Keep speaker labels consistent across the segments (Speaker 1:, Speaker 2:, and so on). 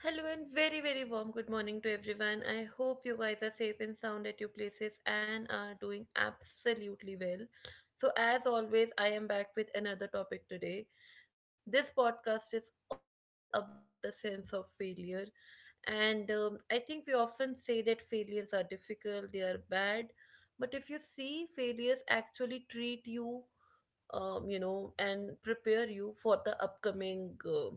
Speaker 1: Hello and very, very warm good morning to everyone. I hope you guys are safe and sound at your places and are doing absolutely well. So, as always, I am back with another topic today. This podcast is all about the sense of failure, and I think we often say that failures are difficult, they are bad, but if you see failures actually treat you, and prepare you for the upcoming,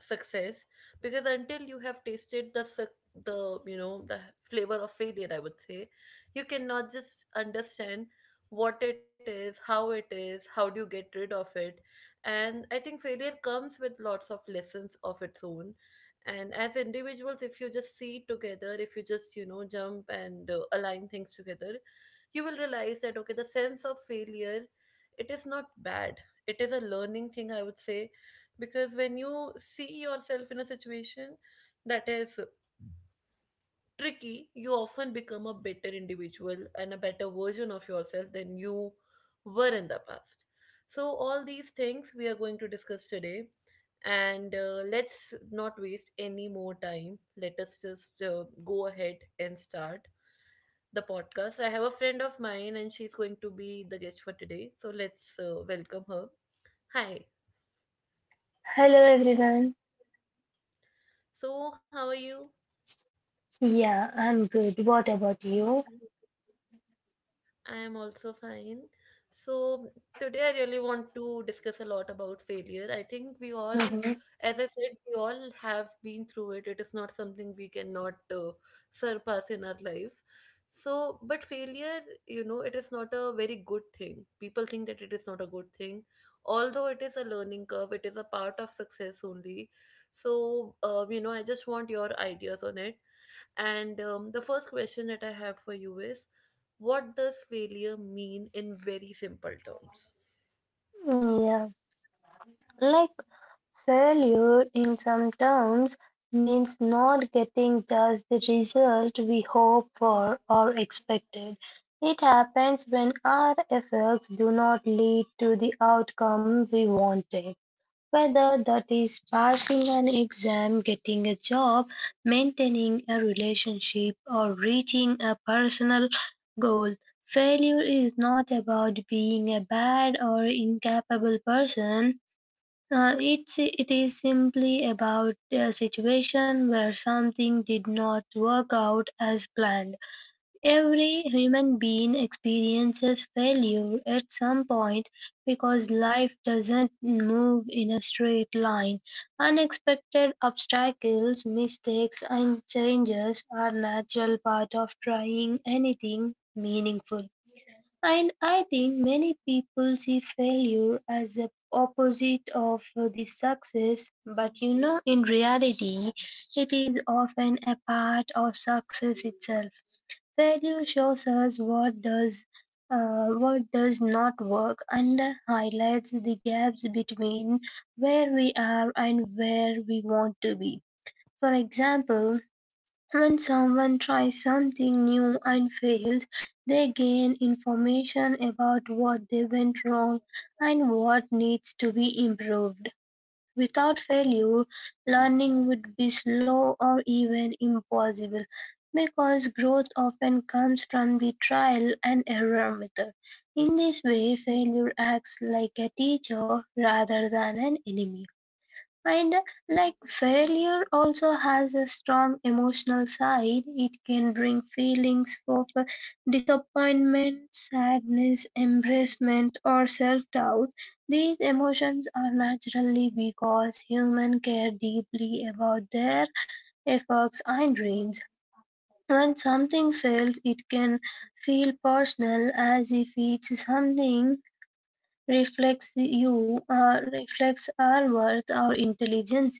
Speaker 1: success because until you have tasted the the flavor of failure, I would say, you cannot just understand what it is, how it is, how do you get rid of it. And I think failure comes with lots of lessons of its own. And as individuals, if you just see it together, if you just jump and align things together, you will realize that, okay, the sense of failure, it is not bad, it is a learning thing, I would say. Because when you see yourself in a situation that is tricky, you often become a better individual and a better version of yourself than you were in the past. So all these things we are going to discuss today, and let's not waste any more time, let us just go ahead and start the podcast. I have a friend of mine and she's going to be the guest for today. So let's welcome her. Hi.
Speaker 2: Hello everyone.
Speaker 1: So, how are you?
Speaker 2: Yeah, I'm good. What about you?
Speaker 1: I am also fine. So, today I really want to discuss a lot about failure. I think we all,
Speaker 2: Mhm.
Speaker 1: as I said, we all have been through it. It is not something we cannot surpass in our life. So, but failure, it is not a very good thing. People think that it is not a good thing. Although it is a learning curve, it is a part of success only. So, I just want your ideas on it. And the first question that I have for you is, what does failure mean in very simple terms?
Speaker 2: Yeah, like failure in some terms means not getting just the result we hope for or expected. It happens when our efforts do not lead to the outcome we wanted. Whether that is passing an exam, getting a job, maintaining a relationship, or reaching a personal goal, failure is not about being a bad or incapable person. It is simply about a situation where something did not work out as planned. Every human being experiences failure at some point because life doesn't move in a straight line. Unexpected obstacles, mistakes, and changes are natural part of trying anything meaningful. And I think many people see failure as the opposite of the success, but you know, in reality, it is often a part of success itself. Failure shows us what does not work and highlights the gaps between where we are and where we want to be. For example, when someone tries something new and fails, they gain information about what they went wrong and what needs to be improved. Without failure, learning would be slow or even impossible, because growth often comes from the trial and error method. In this way, failure acts like a teacher rather than an enemy. And like failure also has a strong emotional side, it can bring feelings of disappointment, sadness, embarrassment, or self doubt. These emotions are naturally because humans care deeply about their efforts and dreams. When something fails, it can feel personal as if it's something reflects our worth or intelligence.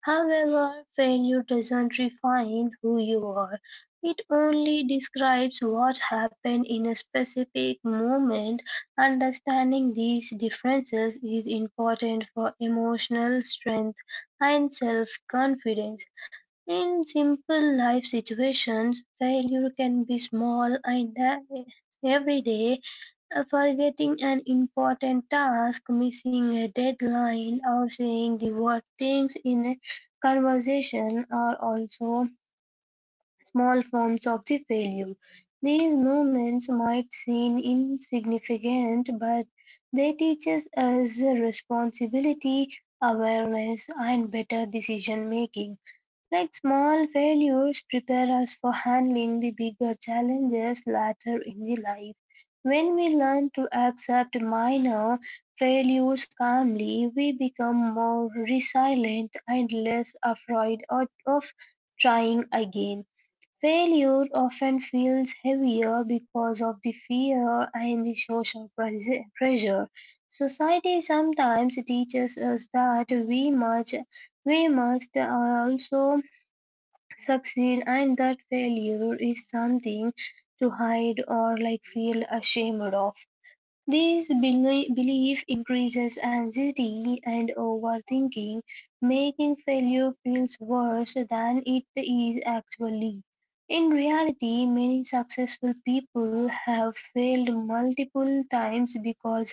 Speaker 2: However, failure doesn't refine who you are. It only describes what happened in a specific moment. Understanding these differences is important for emotional strength and self confidence. In simple life situations, failure can be small and everyday. Forgetting an important task, missing a deadline, or saying the wrong things in a conversation are also small forms of the failure. These moments might seem insignificant, but they teach us responsibility, awareness, and better decision making. Like small failures prepare us for handling the bigger challenges later in the life. When we learn to accept minor failures calmly, we become more resilient and less afraid of trying again. Failure often feels heavier because of the fear and the social pressure. Society sometimes teaches us that we must also succeed, and that failure is something to hide or like feel ashamed of. This belief increases anxiety and overthinking, making failure feels worse than it is actually. In reality, many successful people have failed multiple times because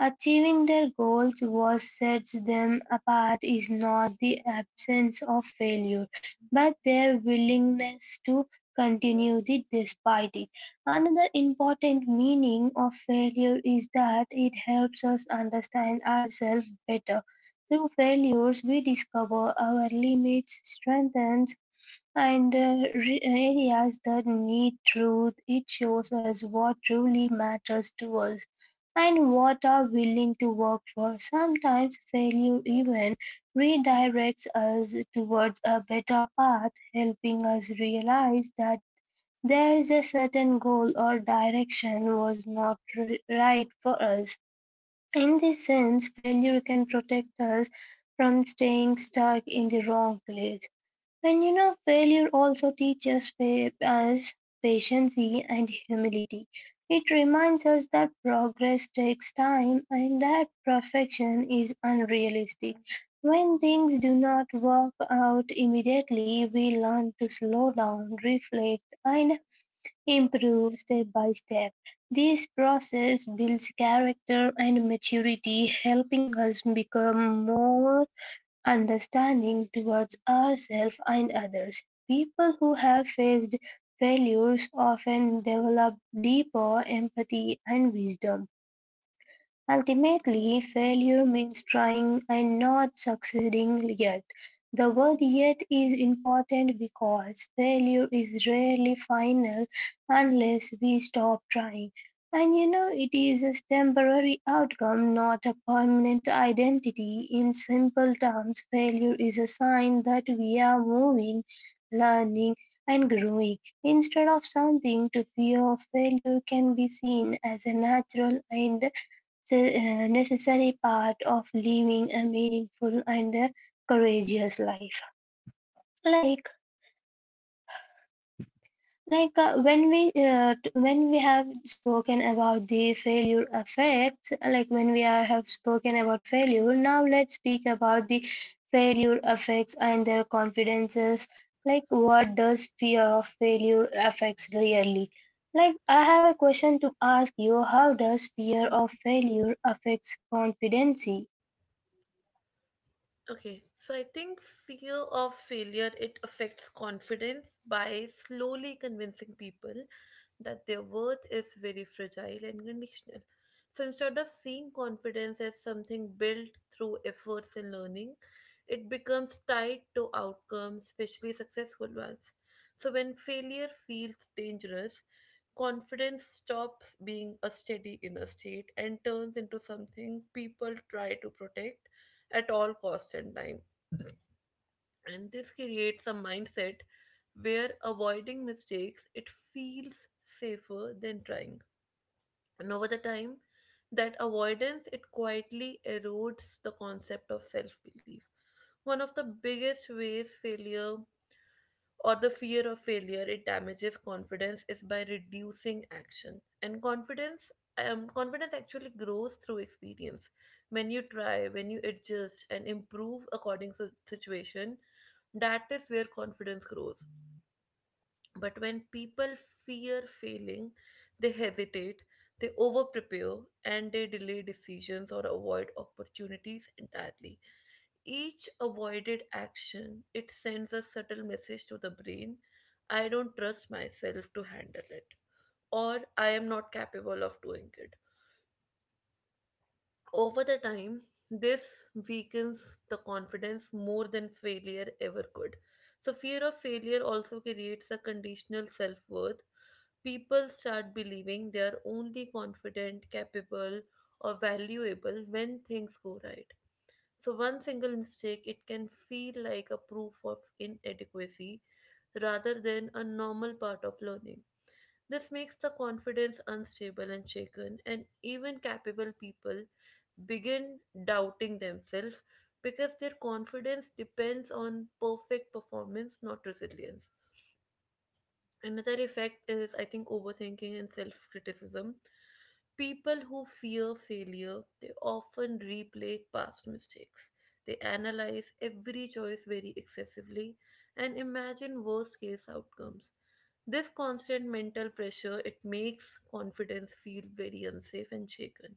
Speaker 2: achieving their goals what sets them apart is not the absence of failure, but their willingness to continue it despite it. Another important meaning of failure is that it helps us understand ourselves better. Through failures, we discover our limits, strengths, and areas that need truth. It shows us what truly matters to us and what are willing to work for. Sometimes failure even redirects us towards a better path, helping us realize that there is a certain goal or direction was not right for us. In this sense, failure can protect us from staying stuck in the wrong place. And you know, failure also teaches us patience and humility. It reminds us that progress takes time and that perfection is unrealistic. When things do not work out immediately, we learn to slow down, reflect, and improve step by step. This process builds character and maturity, helping us become more understanding towards ourselves and others. People who have faced failures often develop deeper empathy and wisdom. Ultimately, failure means trying and not succeeding yet. The word yet is important because failure is rarely final unless we stop trying. And you know, it is a temporary outcome, not a permanent identity. In simple terms, failure is a sign that we are moving, learning, and growing. Instead of something to fear, failure can be seen as a natural and a necessary part of living a meaningful and courageous life. Like like uh, when we have spoken about the failure effects, like, when we have spoken about failure, now let's speak about the failure effects and their confidences. Like, what does fear of failure affects really? Like, I have a question to ask you. How does fear of failure affects confidence?
Speaker 1: Okay, so I think fear of failure, it affects confidence by slowly convincing people that their worth is very fragile and conditional. So instead of seeing confidence as something built through efforts and learning, it becomes tied to outcomes, especially successful ones. So when failure feels dangerous, confidence stops being a steady inner state and turns into something people try to protect at all cost and time. And this creates a mindset where avoiding mistakes, it feels safer than trying. And over the time, that avoidance, it quietly erodes the concept of self belief. One of the biggest ways failure or the fear of failure, it damages confidence, is by reducing action and confidence. Confidence actually grows through experience. When you try, when you adjust and improve according to situation, that is where confidence grows. But when people fear failing, they hesitate, they over prepare, and they delay decisions or avoid opportunities entirely. Each avoided action, it sends a subtle message to the brain: I don't trust myself to handle it, or I am not capable of doing it. Over the time, this weakens the confidence more than failure ever could. So, fear of failure also creates a conditional self worth. People start believing they are only confident, capable, or valuable when things go right. So, one single mistake, it can feel like a proof of inadequacy rather than a normal part of learning. This makes the confidence unstable and shaken, and even capable people begin doubting themselves because their confidence depends on perfect performance, not resilience. Another effect is, I think, overthinking and self criticism. People who fear failure, they often replay past mistakes. They analyze every choice very excessively and imagine worst case outcomes. This constant mental pressure, it makes confidence feel very unsafe and shaken.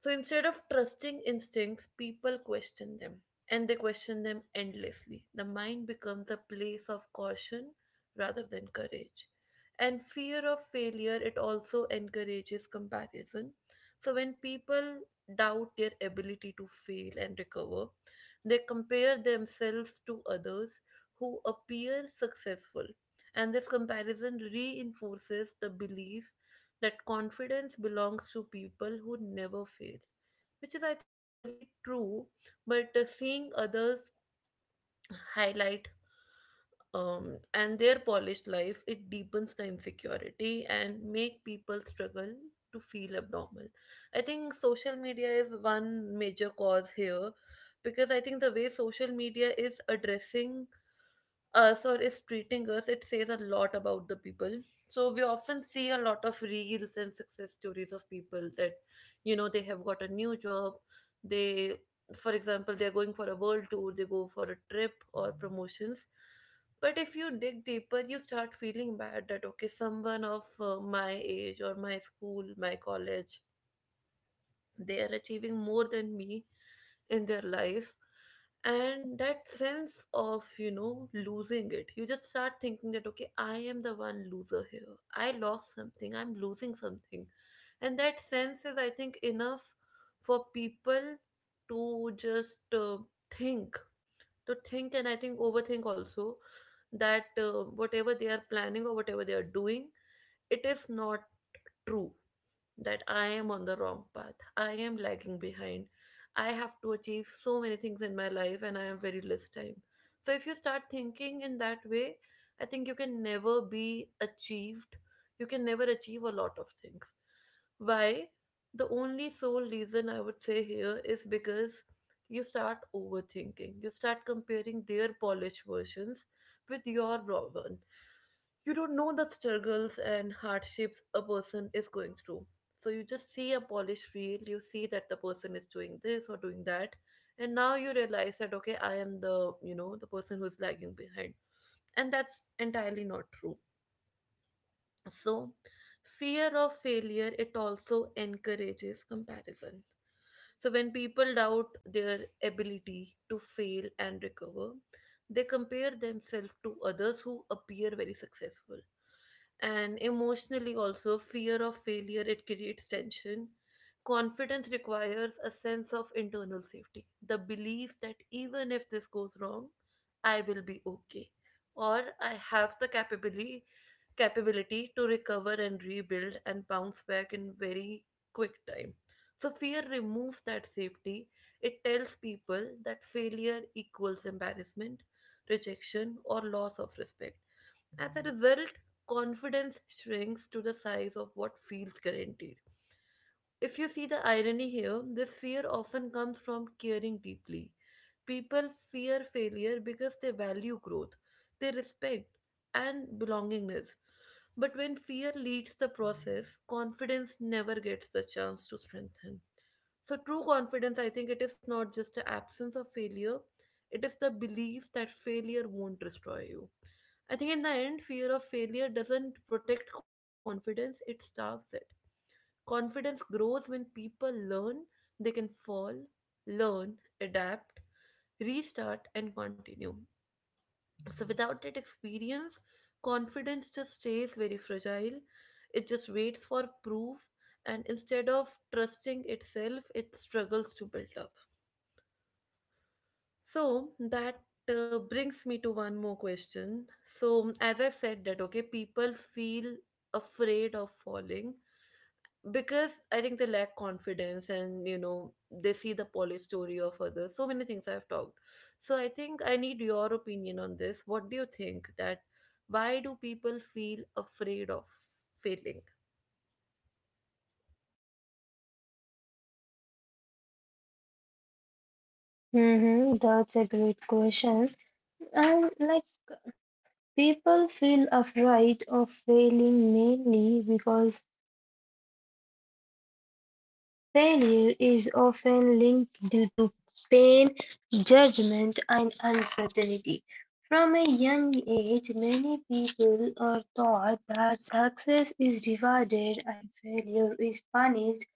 Speaker 1: So instead of trusting instincts, people question them, and they question them endlessly. The mind becomes a place of caution rather than courage. And fear of failure, it also encourages comparison. So when people doubt their ability to fail and recover, they compare themselves to others who appear successful. And this comparison reinforces the belief that confidence belongs to people who never fail, which is, I think, really true. But seeing others highlight and their polished life, it deepens the insecurity and make people struggle to feel abnormal. I think social media is one major cause here because I think the way social media is addressing sir is treating us, it says a lot about the people. So we often see a lot of reels and success stories of people that, they have got a new job. They, for example, they're going for a world tour, they go for a trip or promotions. But if you dig deeper, you start feeling bad that, okay, someone of my age or my school, my college, they are achieving more than me in their life. And that sense of losing it, you just start thinking that, okay, I am the one loser here, I lost something, I'm losing something. And that sense is, I think, enough for people to just think to think, and I think overthink also, that whatever they are planning or whatever they are doing, it is not true, that I am on the wrong path. I am lagging behind. I have to achieve so many things in my life and I have very less time. So if you start thinking in that way, I think you can never be achieved. You can never achieve a lot of things. Why? The only sole reason I would say here is because you start overthinking. You start comparing their polished versions with your raw one. You don't know the struggles and hardships a person is going through. So you just see a polished reel, you see that the person is doing this or doing that, and now you realize that, okay, I am the you know the person who's lagging behind, and that's entirely not true. So fear of failure, it also encourages comparison. So when people doubt their ability to fail and recover, they compare themselves to others who appear very successful. And emotionally also, fear of failure, it creates tension. Confidence requires a sense of internal safety, the belief that even if this goes wrong, I will be okay, or I have the capability to recover and rebuild and bounce back in very quick time. So fear removes that safety. It tells people that failure equals embarrassment, rejection, or loss of respect. As a result, confidence shrinks to the size of what feels guaranteed. If you see the irony here, this fear often comes from caring deeply. People fear failure because they value growth, they respect, and belongingness. But when fear leads the process, confidence never gets the chance to strengthen. So, true confidence, I think it is not just the absence of failure, it is the belief that failure won't destroy you. I think in the end, fear of failure doesn't protect confidence, it starves it. Confidence grows when people learn they can fall, learn, adapt, restart, and continue. So, without that experience, confidence just stays very fragile. It just waits for proof, and instead of trusting itself, it struggles to build up. So that brings me to one more question. So, as I said, that okay, people feel afraid of falling because I think they lack confidence and they see the polished story of others. So many things I've talked. So, I think I need your opinion on this. What do you think, that why do people feel afraid of failing?
Speaker 2: That's a great question. And like people feel afraid of failing mainly because failure is often linked due to pain, judgment, and uncertainty. From a young age, many people are taught that success is rewarded and failure is punished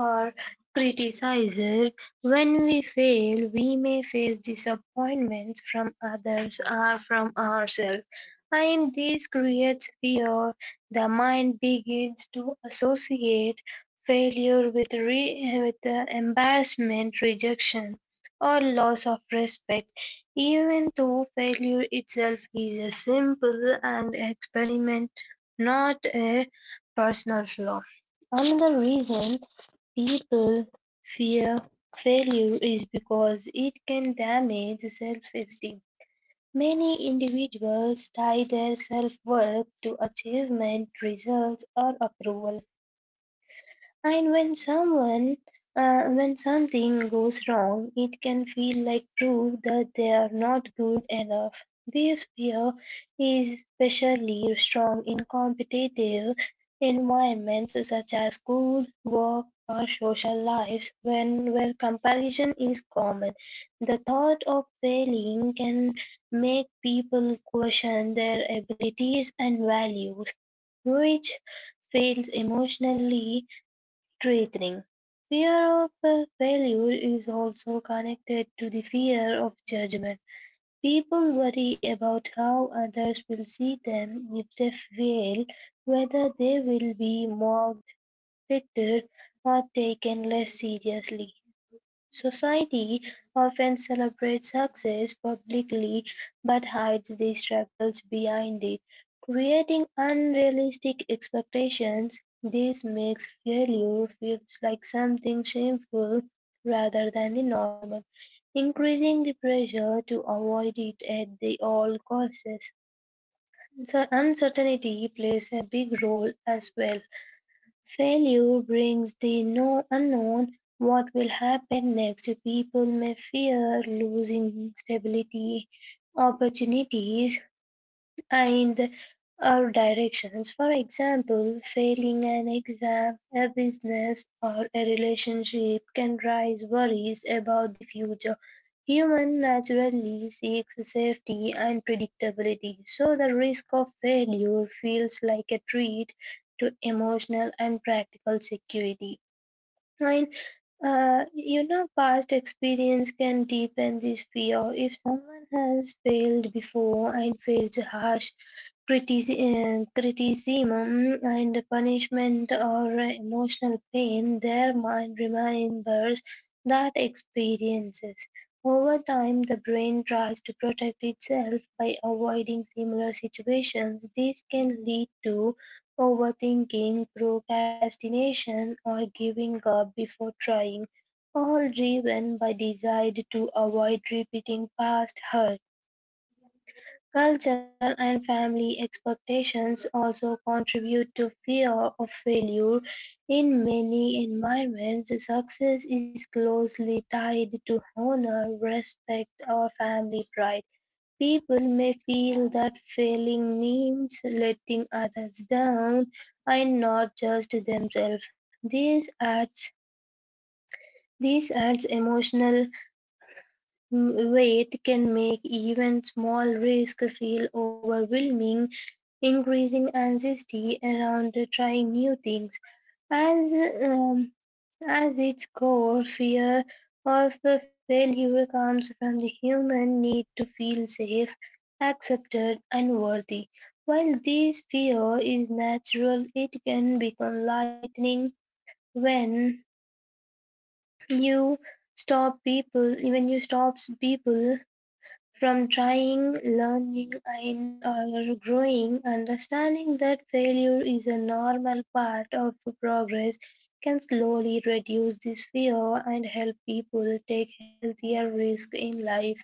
Speaker 2: or criticized. When we fail, we may face disappointments from others or from ourselves, and this creates fear. The mind begins to associate failure with embarrassment, rejection, or loss of respect, even though failure itself is a simple and experiment, not a personal flaw. Another reason people fear failure is because it can damage self esteem. Many individuals tie their self worth to achievement, results, or approval and when something goes wrong, it can feel like proof that they are not good enough. This fear is especially strong in competitive environments such as school, work, or social lives, when where comparison is common. The thought of failing can make people question their abilities and values, which feels emotionally threatening. Fear of failure is also connected to the fear of judgment. People worry about how others will see them if they fail, whether they will be mocked, pitied, or taken less seriously. Society often celebrates success publicly but hides the struggles behind it, creating unrealistic expectations. This makes failure feel like something shameful rather than the normal, increasing the pressure to avoid it at the all costs. So uncertainty plays a big role as well. Failure brings the no unknown, what will happen next. People may fear losing stability, opportunities, and or directions, for example, failing an exam, a business, or a relationship can raise worries about the future. Human naturally seeks safety and predictability, so the risk of failure feels like a threat to emotional and practical security. And Past experience can deepen this fear. If someone has failed before and faced harsh criticism and punishment or emotional pain, their mind remembers that experiences. Over time, the brain tries to protect itself by avoiding similar situations. This can lead to overthinking, procrastination, or giving up before trying, all driven by desire to avoid repeating past hurt. Cultural and family expectations also contribute to fear of failure. In many environments, success is closely tied to honor, respect, or family pride. People may feel that failing means letting others down, and not just themselves. This adds emotional weight can make even small risks feel overwhelming, increasing anxiety around trying new things. As um, as its core, fear of failure comes from the human need to feel safe, accepted, and worthy. While this fear is natural, it can become lightning when you stop people when you stops people from trying, learning, and or growing, understanding that failure is a normal part of progress can slowly reduce this fear and help people take healthier risks in life.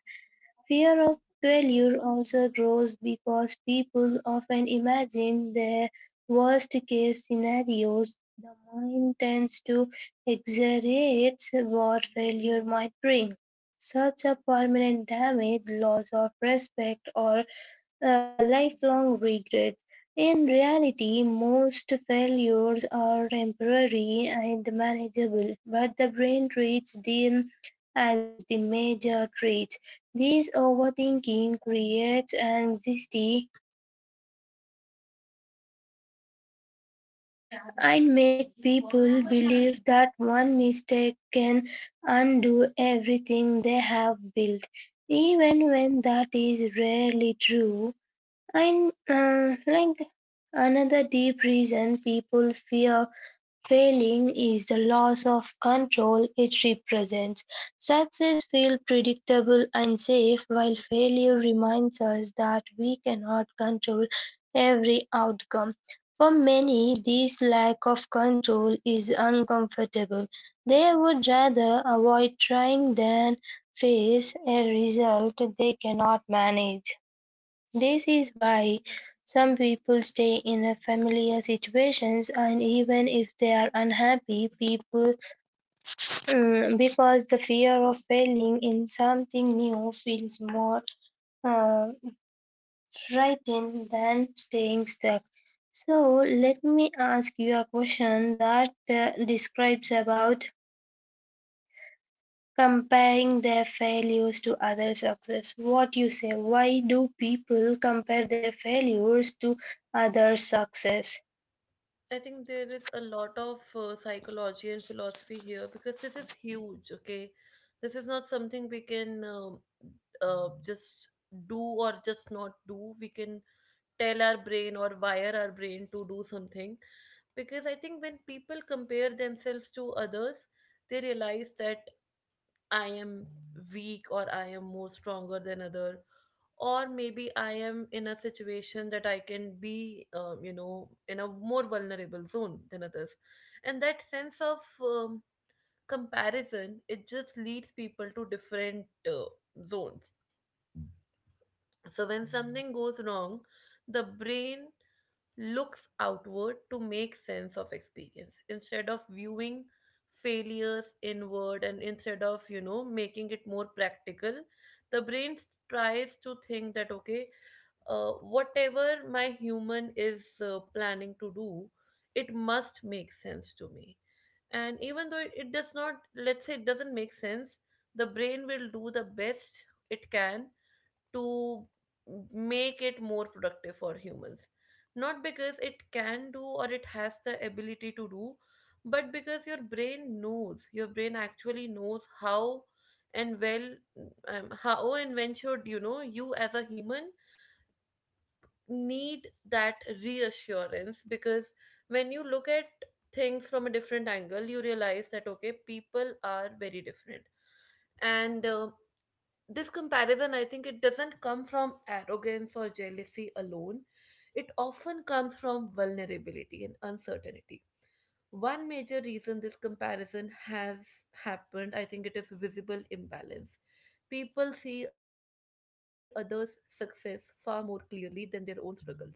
Speaker 2: Fear of failure also grows because people often imagine their worst case scenarios. The mind tends to exaggerate what failure might bring. Such as permanent damage, loss of respect, or lifelong regrets. In reality, most failures are temporary and manageable, but the brain treats them as the major threat. This overthinking creates anxiety and makes people believe that one mistake can undo everything they have built, even when that is rarely true. And like another deep reason people fear failing is the loss of control it represents. Success feels predictable and safe, while failure reminds us that we cannot control every outcome. For many, this lack of control is uncomfortable. They would rather avoid trying than face a result they cannot manage. This is why some people stay in a familiar situations and even if they are unhappy people, because the fear of failing in something new feels more uh, frightening than staying stuck. So let me ask you a question that describes about comparing their failures to other success. What you say? Why do people compare their failures to other success?
Speaker 1: I think there is a lot of psychology and philosophy here because this is huge, okay? This is not something we can just do or just not do. We can tell our brain or wire our brain to do something. Because I think when people compare themselves to others, they realize that I am weak or I am more stronger than other, or maybe I am in a situation that I can be in a more vulnerable zone than others. And that sense of comparison, it just leads people to different zones. So when something goes wrong, the brain looks outward to make sense of experience instead of viewing failures inward, and instead of making it more practical, the brain tries to think that, okay, whatever my human is planning to do, it must make sense to me. And even though it does not, let's say it doesn't make sense, the brain will do the best it can to make it more productive for humans. Not because it can do or it has the ability to do, but because your brain knows, your brain actually knows how and well, how and when should you as a human need that reassurance. Because when you look at things from a different angle, you realize that, okay, people are very different. And this comparison, I think it doesn't come from arrogance or jealousy alone. It often comes from vulnerability and uncertainty. One major reason this comparison has happened, I think, it is visible imbalance. People see others' success far more clearly than their own struggles.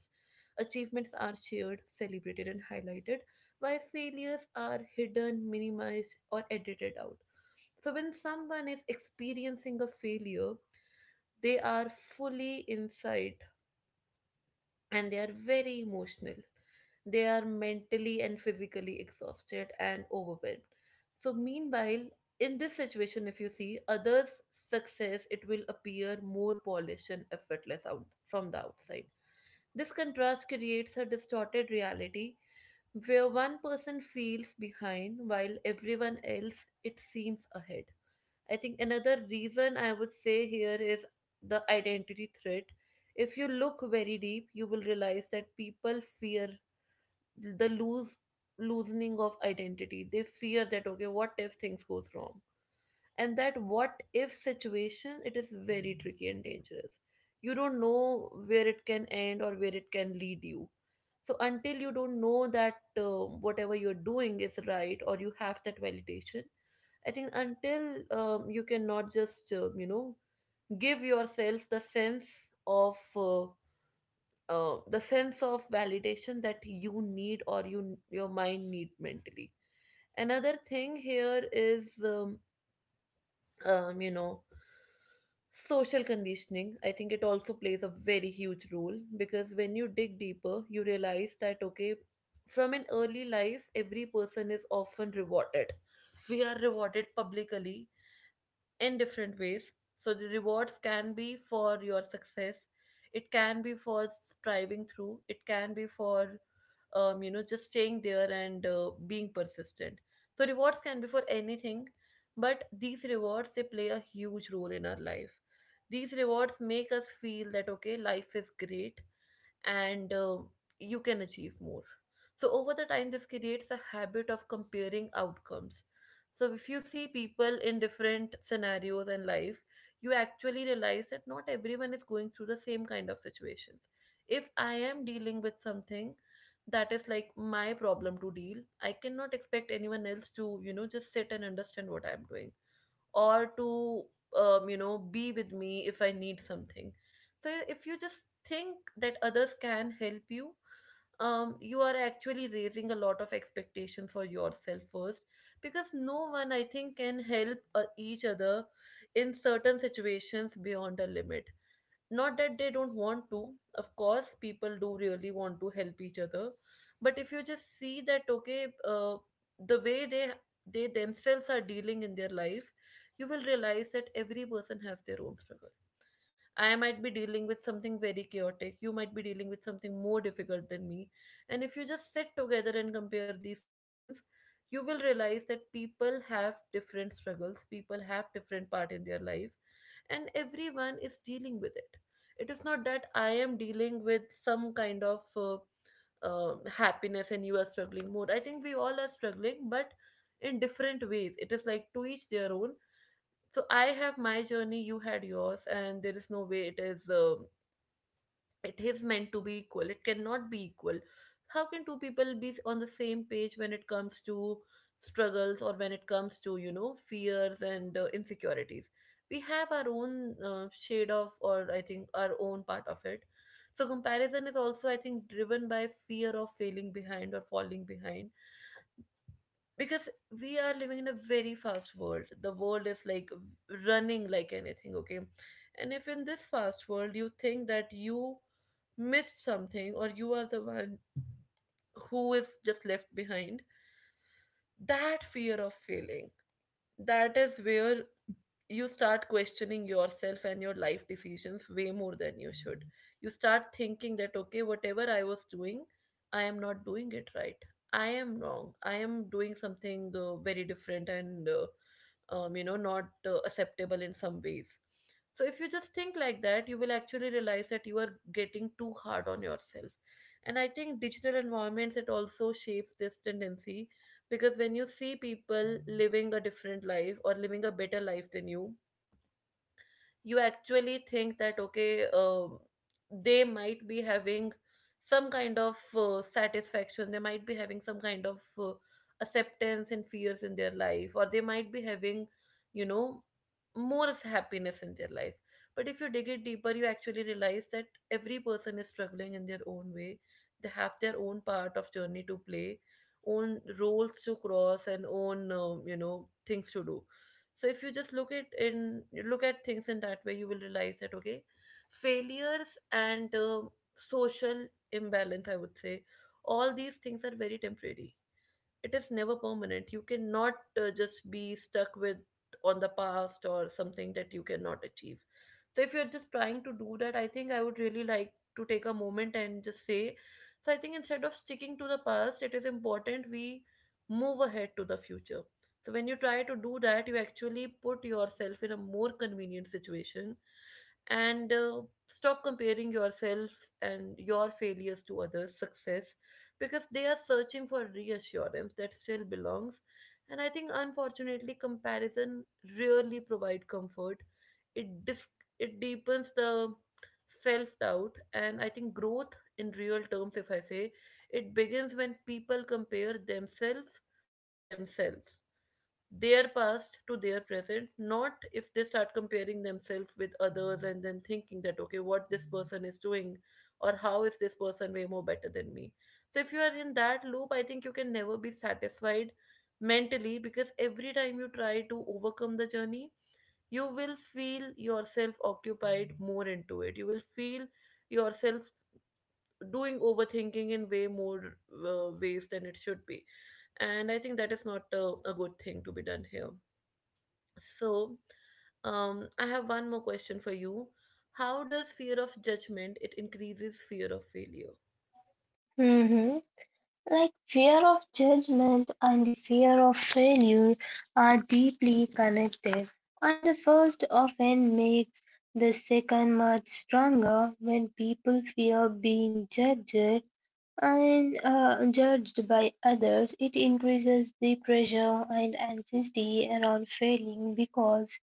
Speaker 1: Achievements are shared, celebrated, and highlighted, while failures are hidden, minimized, or edited out. So, when someone is experiencing a failure, they are fully inside and they are very emotional. They are mentally and physically exhausted and overwhelmed. So, meanwhile, in this situation, if you see others' success, it will appear more polished and effortless out from the outside. This contrast creates a distorted reality where one person feels behind while everyone else it seems ahead. I think another reason I would say here is the identity threat. If you look very deep, you will realize that people fear the lose loosening of identity. They fear that, okay, what if things goes wrong? And that what if situation, it is very tricky and dangerous. You don't know where it can end or where it can lead you. So until you don't know that whatever you're doing is right or you have that validation, I think, until you cannot just give yourself the sense of validation that you need, or your mind need, mentally. Another thing here is um, you know social conditioning. I think it also plays a very huge role, because when you dig deeper you realize that, okay, from an early life every person is often rewarded. We are rewarded publicly in different ways. So the rewards can be for your success, it can be for striving through, it can be for just staying there and being persistent. So rewards can be for anything, but these rewards, they play a huge role in our life. These rewards make us feel that, okay, life is great, and you can achieve more. So, over the time, this creates a habit of comparing outcomes. So, if you see people in different scenarios in life, you actually realize that not everyone is going through the same kind of situations. If I am dealing with something that is like my problem to deal, I cannot expect anyone else to just sit and understand what I'm doing, or to be with me if I need something. So if you just think that others can help you, you are actually raising a lot of expectation for yourself first, because no one, I think, can help each other in certain situations beyond a limit. Not that they don't want to; of course people do really want to help each other. But if you just see that, okay, the way they themselves are dealing in their life, you will realize that every person has their own struggle. I might be dealing with something very chaotic, you might be dealing with something more difficult than me. And if you just sit together and compare these decisions, you will realize that people have different struggles, people have different part in their life, and everyone is dealing with it. It is not that I am dealing with some kind of happiness and you are struggling more. I think we all are struggling, but in different ways. It is like, to each their own. So I have my journey, you had yours, and there is no way it is meant to be equal. It cannot be equal. How can two people be on the same page when it comes to struggles, or when it comes to, fears and insecurities? We have our own shade of, or, I think, our own part of it. So comparison is also, I think, driven by fear of failing behind or falling behind. Because we are living in a very fast world. The world is like running like anything, okay? And if in this fast world you think that you missed something, or you are the one who is just left behind, that fear of failing, that is where you start questioning yourself and your life decisions way more than you should. You start thinking that, okay, whatever I was doing, I am not doing it right. I am wrong. I am doing something very different, and not acceptable in some ways. So if you just think like that, you will actually realize that you are getting too hard on yourself. And I think digital environments, it also shapes this tendency, because when you see people living a different life or living a better life than you actually think that, okay, they might be having some kind of satisfaction, they might be having some kind of acceptance and fears in their life, or they might be having, you know more happiness in their life. But if you dig it deeper, you actually realize that every person is struggling in their own way. They have their own part of journey to play, own roles to cross, and own things to do. So if you just look at things in that way, you will realize that, okay, failures and social imbalance, I would say, all these things are very temporary. It is never permanent. You cannot just be stuck with on the past or something that you cannot achieve. So if you're just trying to do that, I think I would really like to take a moment and just say, so I think instead of sticking to the past, it is important we move ahead to the future. So when you try to do that, you actually put yourself in a more convenient situation, and stop comparing yourself and your failures to others' success, because they are searching for reassurance that still belongs. And I think, unfortunately, comparison really provide comfort. It dis- it deepens the self doubt, and I think growth in real terms, if I say, it begins when people compare themselves to themselves, their past to their present, not if they start comparing themselves with others and then thinking that, okay, what this person is doing, or how is this person way more better than me. So if you are in that loop, I think you can never be satisfied mentally, because every time you try to overcome the journey, you will feel yourself occupied more into it. You will feel yourself doing overthinking in way more ways than it should be. And I think that is not a good thing to be done here. So, I have one more question for you. How does fear of judgment it increases fear of failure?
Speaker 2: Mhm. Like fear of judgment and the fear of failure are deeply connected, and the first often makes the second much stronger when people fear being judged and judged by others. It increases the pressure and anxiety around failing because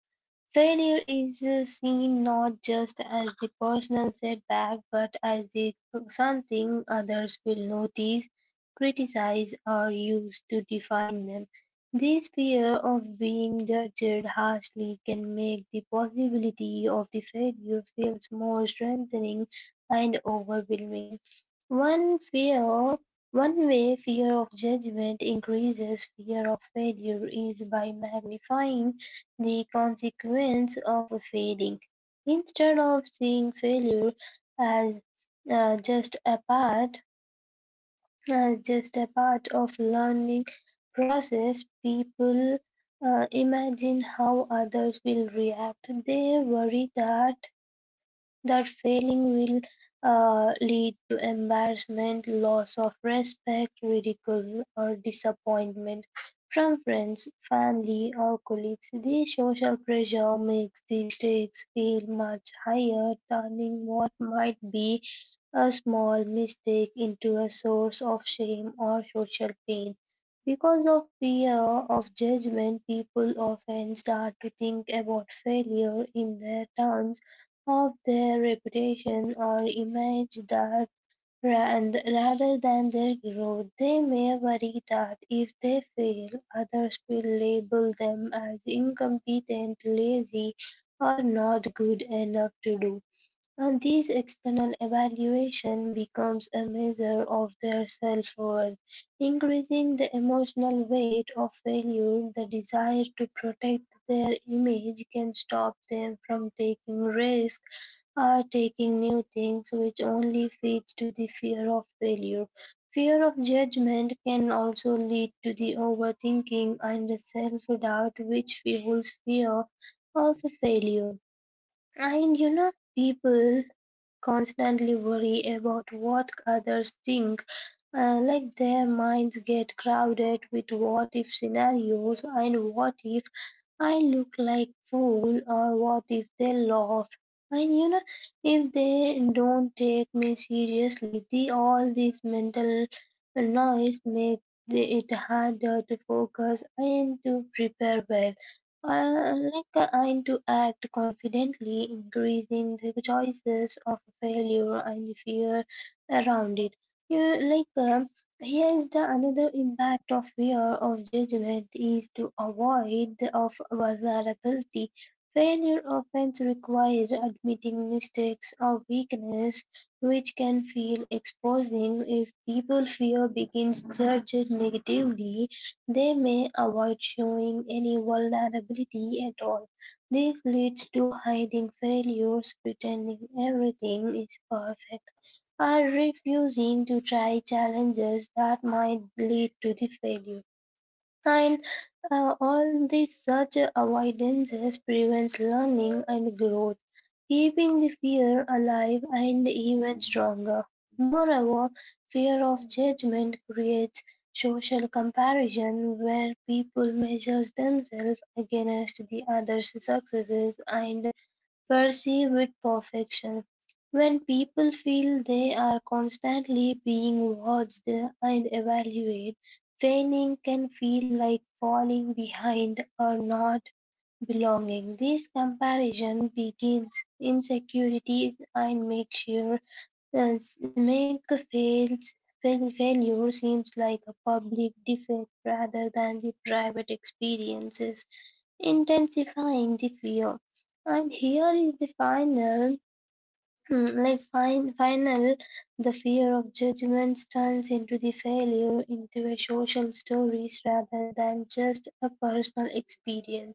Speaker 2: failure is seen not just as the personal setback, but as the something others will notice, criticize, or use to define them. This fear of being judged harshly can make the possibility of the failure feels more strengthening and overwhelming. One fear one way fear of judgment increases fear of failure is by magnifying the consequence of failing, instead of seeing failure as just a part as just a part of learning process, people imagine how others will react. They worry that failing will lead to embarrassment, loss of respect, ridicule, or disappointment from friends, family, or colleagues. This social pressure makes these stakes feel much higher, turning what might be a small mistake into a source of shame or social pain. Because of fear of judgment, people often start to think about failure in their terms of their reputation or image that rather than their growth. They may worry that if they fail, others will label them as incompetent, lazy, or not good enough to do. And this external evaluation becomes a measure of their self worth, increasing the emotional weight of failure. The desire to protect their image can stop them from taking risks are taking new things which only feeds to the fear of failure. Fear of judgment can also lead to the overthinking and the self-doubt which fuels fear of failure. And you know, people constantly worry about what others think, like their minds get crowded with what if scenarios and what if I look like fool or what if they laugh? And you know, if they don't take me seriously, the all this mental noise makes it harder to focus and to prepare well. And to act confidently, increasing the choices of failure and the fear around it. You like Here's the another impact of fear of judgment is to avoid the of vulnerability. Failure often requires admitting mistakes or weakness, which can feel exposing. If people fear begins judged negatively, they may avoid showing any vulnerability at all. This leads to hiding failures, pretending everything is perfect are refusing to try challenges that might lead to the failure. And all this such avoidances prevents learning and growth, keeping the fear alive and even stronger. Moreover, fear of judgment creates social comparison where people measure themselves against the others' successes and perceive with perfection. When people feel they are constantly being watched and evaluated, feigning can feel like falling behind or not belonging. This comparison begins insecurities and makes sure uh, make fails failure seems like a public defect rather than the private experiences intensifying the fear. And here is the final, like final, the fear of judgments turns into the failure into a social stories rather than just a personal experience.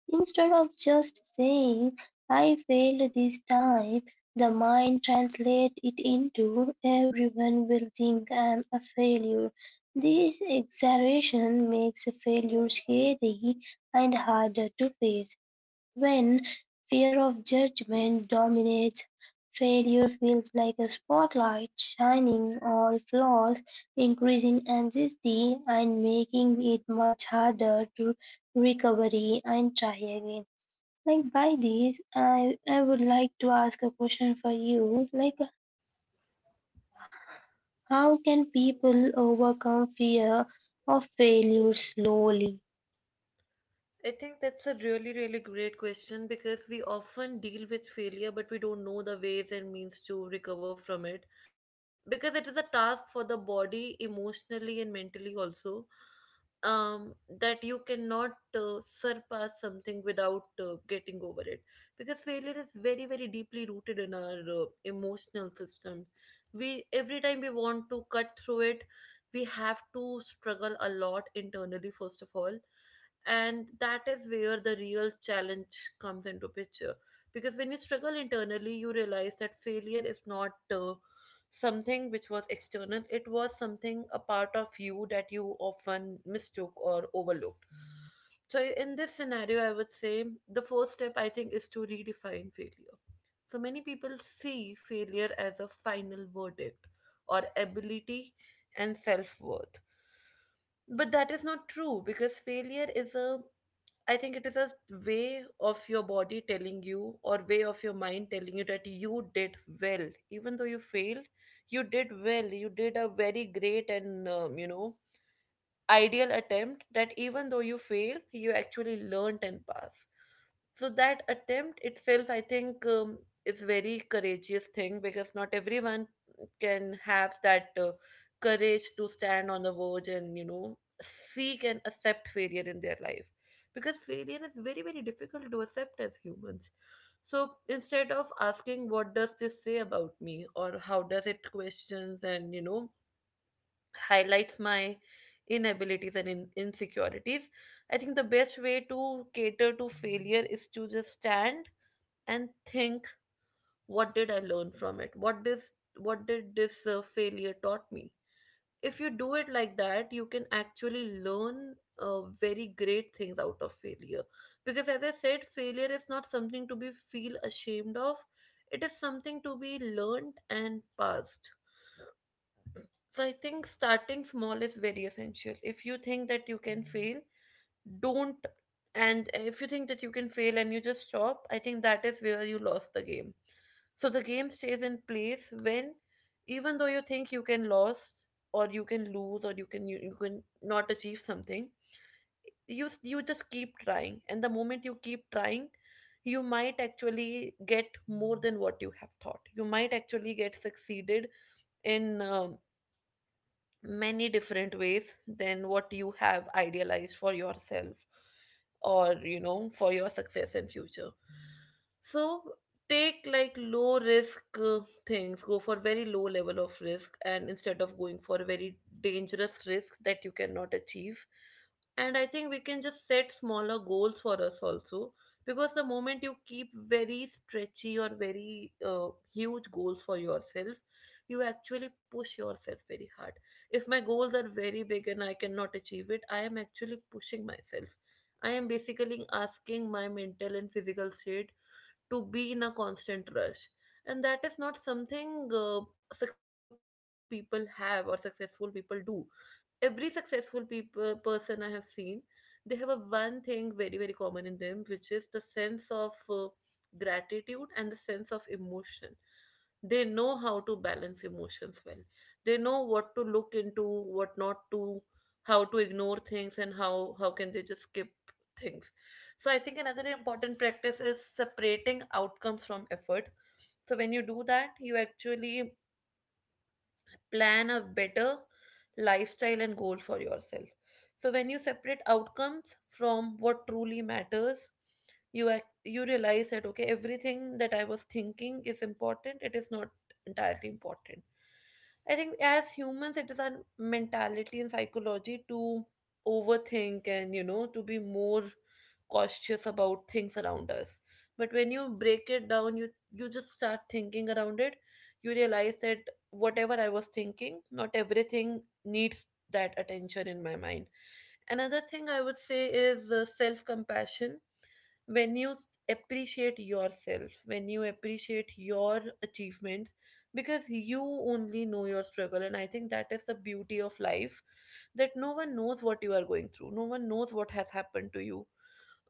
Speaker 2: Instead of just saying, I failed this time, the mind translates it into everyone will think I'm a failure. This exaggeration makes failure scary and harder to face. When fear of judgment dominates, failure feels like a spotlight shining all flaws, increasing anxiety and making it much harder to recovery and try again. Like by this, I would like to ask a question for you. Like how can people overcome fear of failure slowly?
Speaker 1: I think that's a really, really great question, because we often deal with failure, but we don't know the ways and means to recover from it. Because it is a task for the body, emotionally and mentally also, um, that you cannot surpass something without getting over it. Because failure is very, very deeply rooted in our emotional system. We Every time we want to cut through it, we have to struggle a lot internally, first of all, and that is where the real challenge comes into picture. Because when you struggle internally, you realize that failure is not something which was external. It was something a part of you that you often mistook or overlooked. So in this scenario I would say the first step, I think, is to redefine failure. So many people see failure as a final verdict, or ability, and self-worth. But that is not true, because failure is a, I think it is a way of your body telling you, or way of your mind telling you, that you did well. Even though you failed, you did well. You did a very great and, ideal attempt, that even though you failed, you actually learnt and passed. So that attempt itself, I think, is very courageous thing, because not everyone can have that courage to stand on the verge and, seek and accept failure in their life. Because failure is very, very difficult to accept as humans. So instead of asking what does this say about me, or how does it questions and, highlights my inabilities and insecurities, I think the best way to cater to failure is to just stand and think, what did I learn from it? What did this failure taught me? If you do it like that, you can actually learn very great things out of failure. Because as I said, failure is not something to be feel ashamed of. It is something to be learned and passed, so I think starting small is very essential. If you think that you can fail, don't. And if you think that you can fail and you just stop, I think that is where you lost the game. So the game stays in place when, even though you think you can lose or you can lose or you can not achieve something, you just keep trying. And the moment you keep trying, you might actually get more than what you have thought. You might actually get succeeded in many different ways than what you have idealized for yourself or for your success and future, so take like low risk things, go for very low level of risk and instead of going for very dangerous risks that you cannot achieve. And I think we can just set smaller goals for us also, because the moment you keep very stretchy or very huge goals for yourself, you actually push yourself very hard. If my goals are very big and I cannot achieve it, I am actually pushing myself. I am basically asking my mental and physical state to be in a constant rush. And that is not something successful people have or successful people do. Every successful people person I have seen, they have a one thing very very common in them, which is the sense of gratitude and the sense of emotion. They know how to balance emotions well, they know what to look into, what not to, how to ignore things and how can they just skip things. So I think another important practice is separating outcomes from effort. So when you do that, you actually plan a better lifestyle and goal for yourself. So when you separate outcomes from what truly matters, you realize that okay, everything that I was thinking is important, it is not entirely important. I think as humans, it is our mentality and psychology to overthink and to be more cautious about things around us. But when you break it down, you just start thinking around it. You realize that whatever I was thinking, not everything needs that attention in my mind. Another thing I would say is self compassion. When appreciate yourself, when you appreciate your achievements, because you only know your struggle, and I think that is the beauty of life, that no one knows what you are going through, no one knows what has happened to you.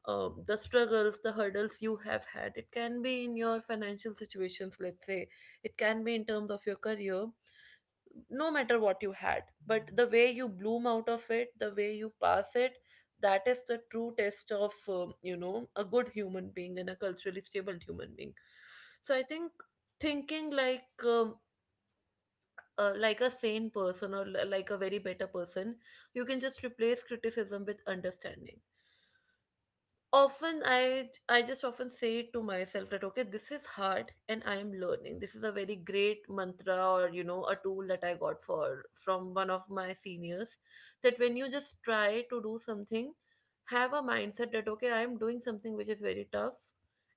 Speaker 1: The struggles, the hurdles you have had. It can be in your financial situations, let's say, it can be in terms of your career. No matter what you had, but the way you bloom out of it, the way you pass it, that is the true test of a good human being and a culturally stable human being. So I think thinking like a sane person or like a very better person, you can just replace criticism with understanding. Often I just often say to myself that okay, this is hard and I am learning. This is a very great mantra or a tool that I got for from one of my seniors, that when you just try to do something, have a mindset that okay, I am doing something which is very tough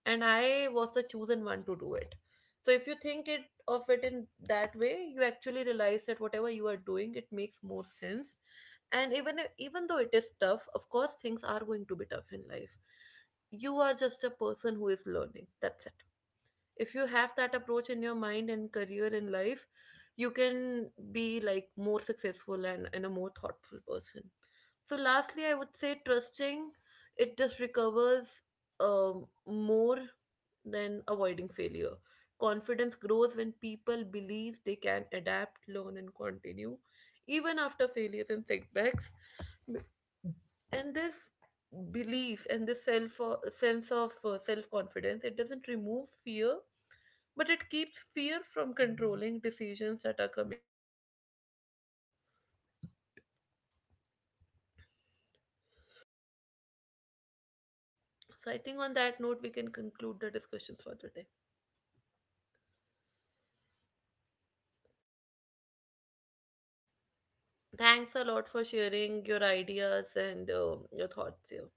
Speaker 1: and I was the chosen one to do it. So if you think it of it in that way, you actually realize that whatever you are doing, it makes more sense. And even if, even though it is tough, of course things are going to be tough in life, you are just a person who is learning, that's it. If you have that approach in your mind and career in life, you can be like more successful and a more thoughtful person. So lastly I would say trusting it just recovers more than avoiding failure. Confidence grows when people believe they can adapt, learn and continue even after failures and setbacks. And this belief and this self sense of self confidence, it doesn't remove fear, but it keeps fear from controlling decisions that are coming up. So I think on that note we can conclude the discussions for today. Thanks a lot for sharing your ideas and your thoughts here.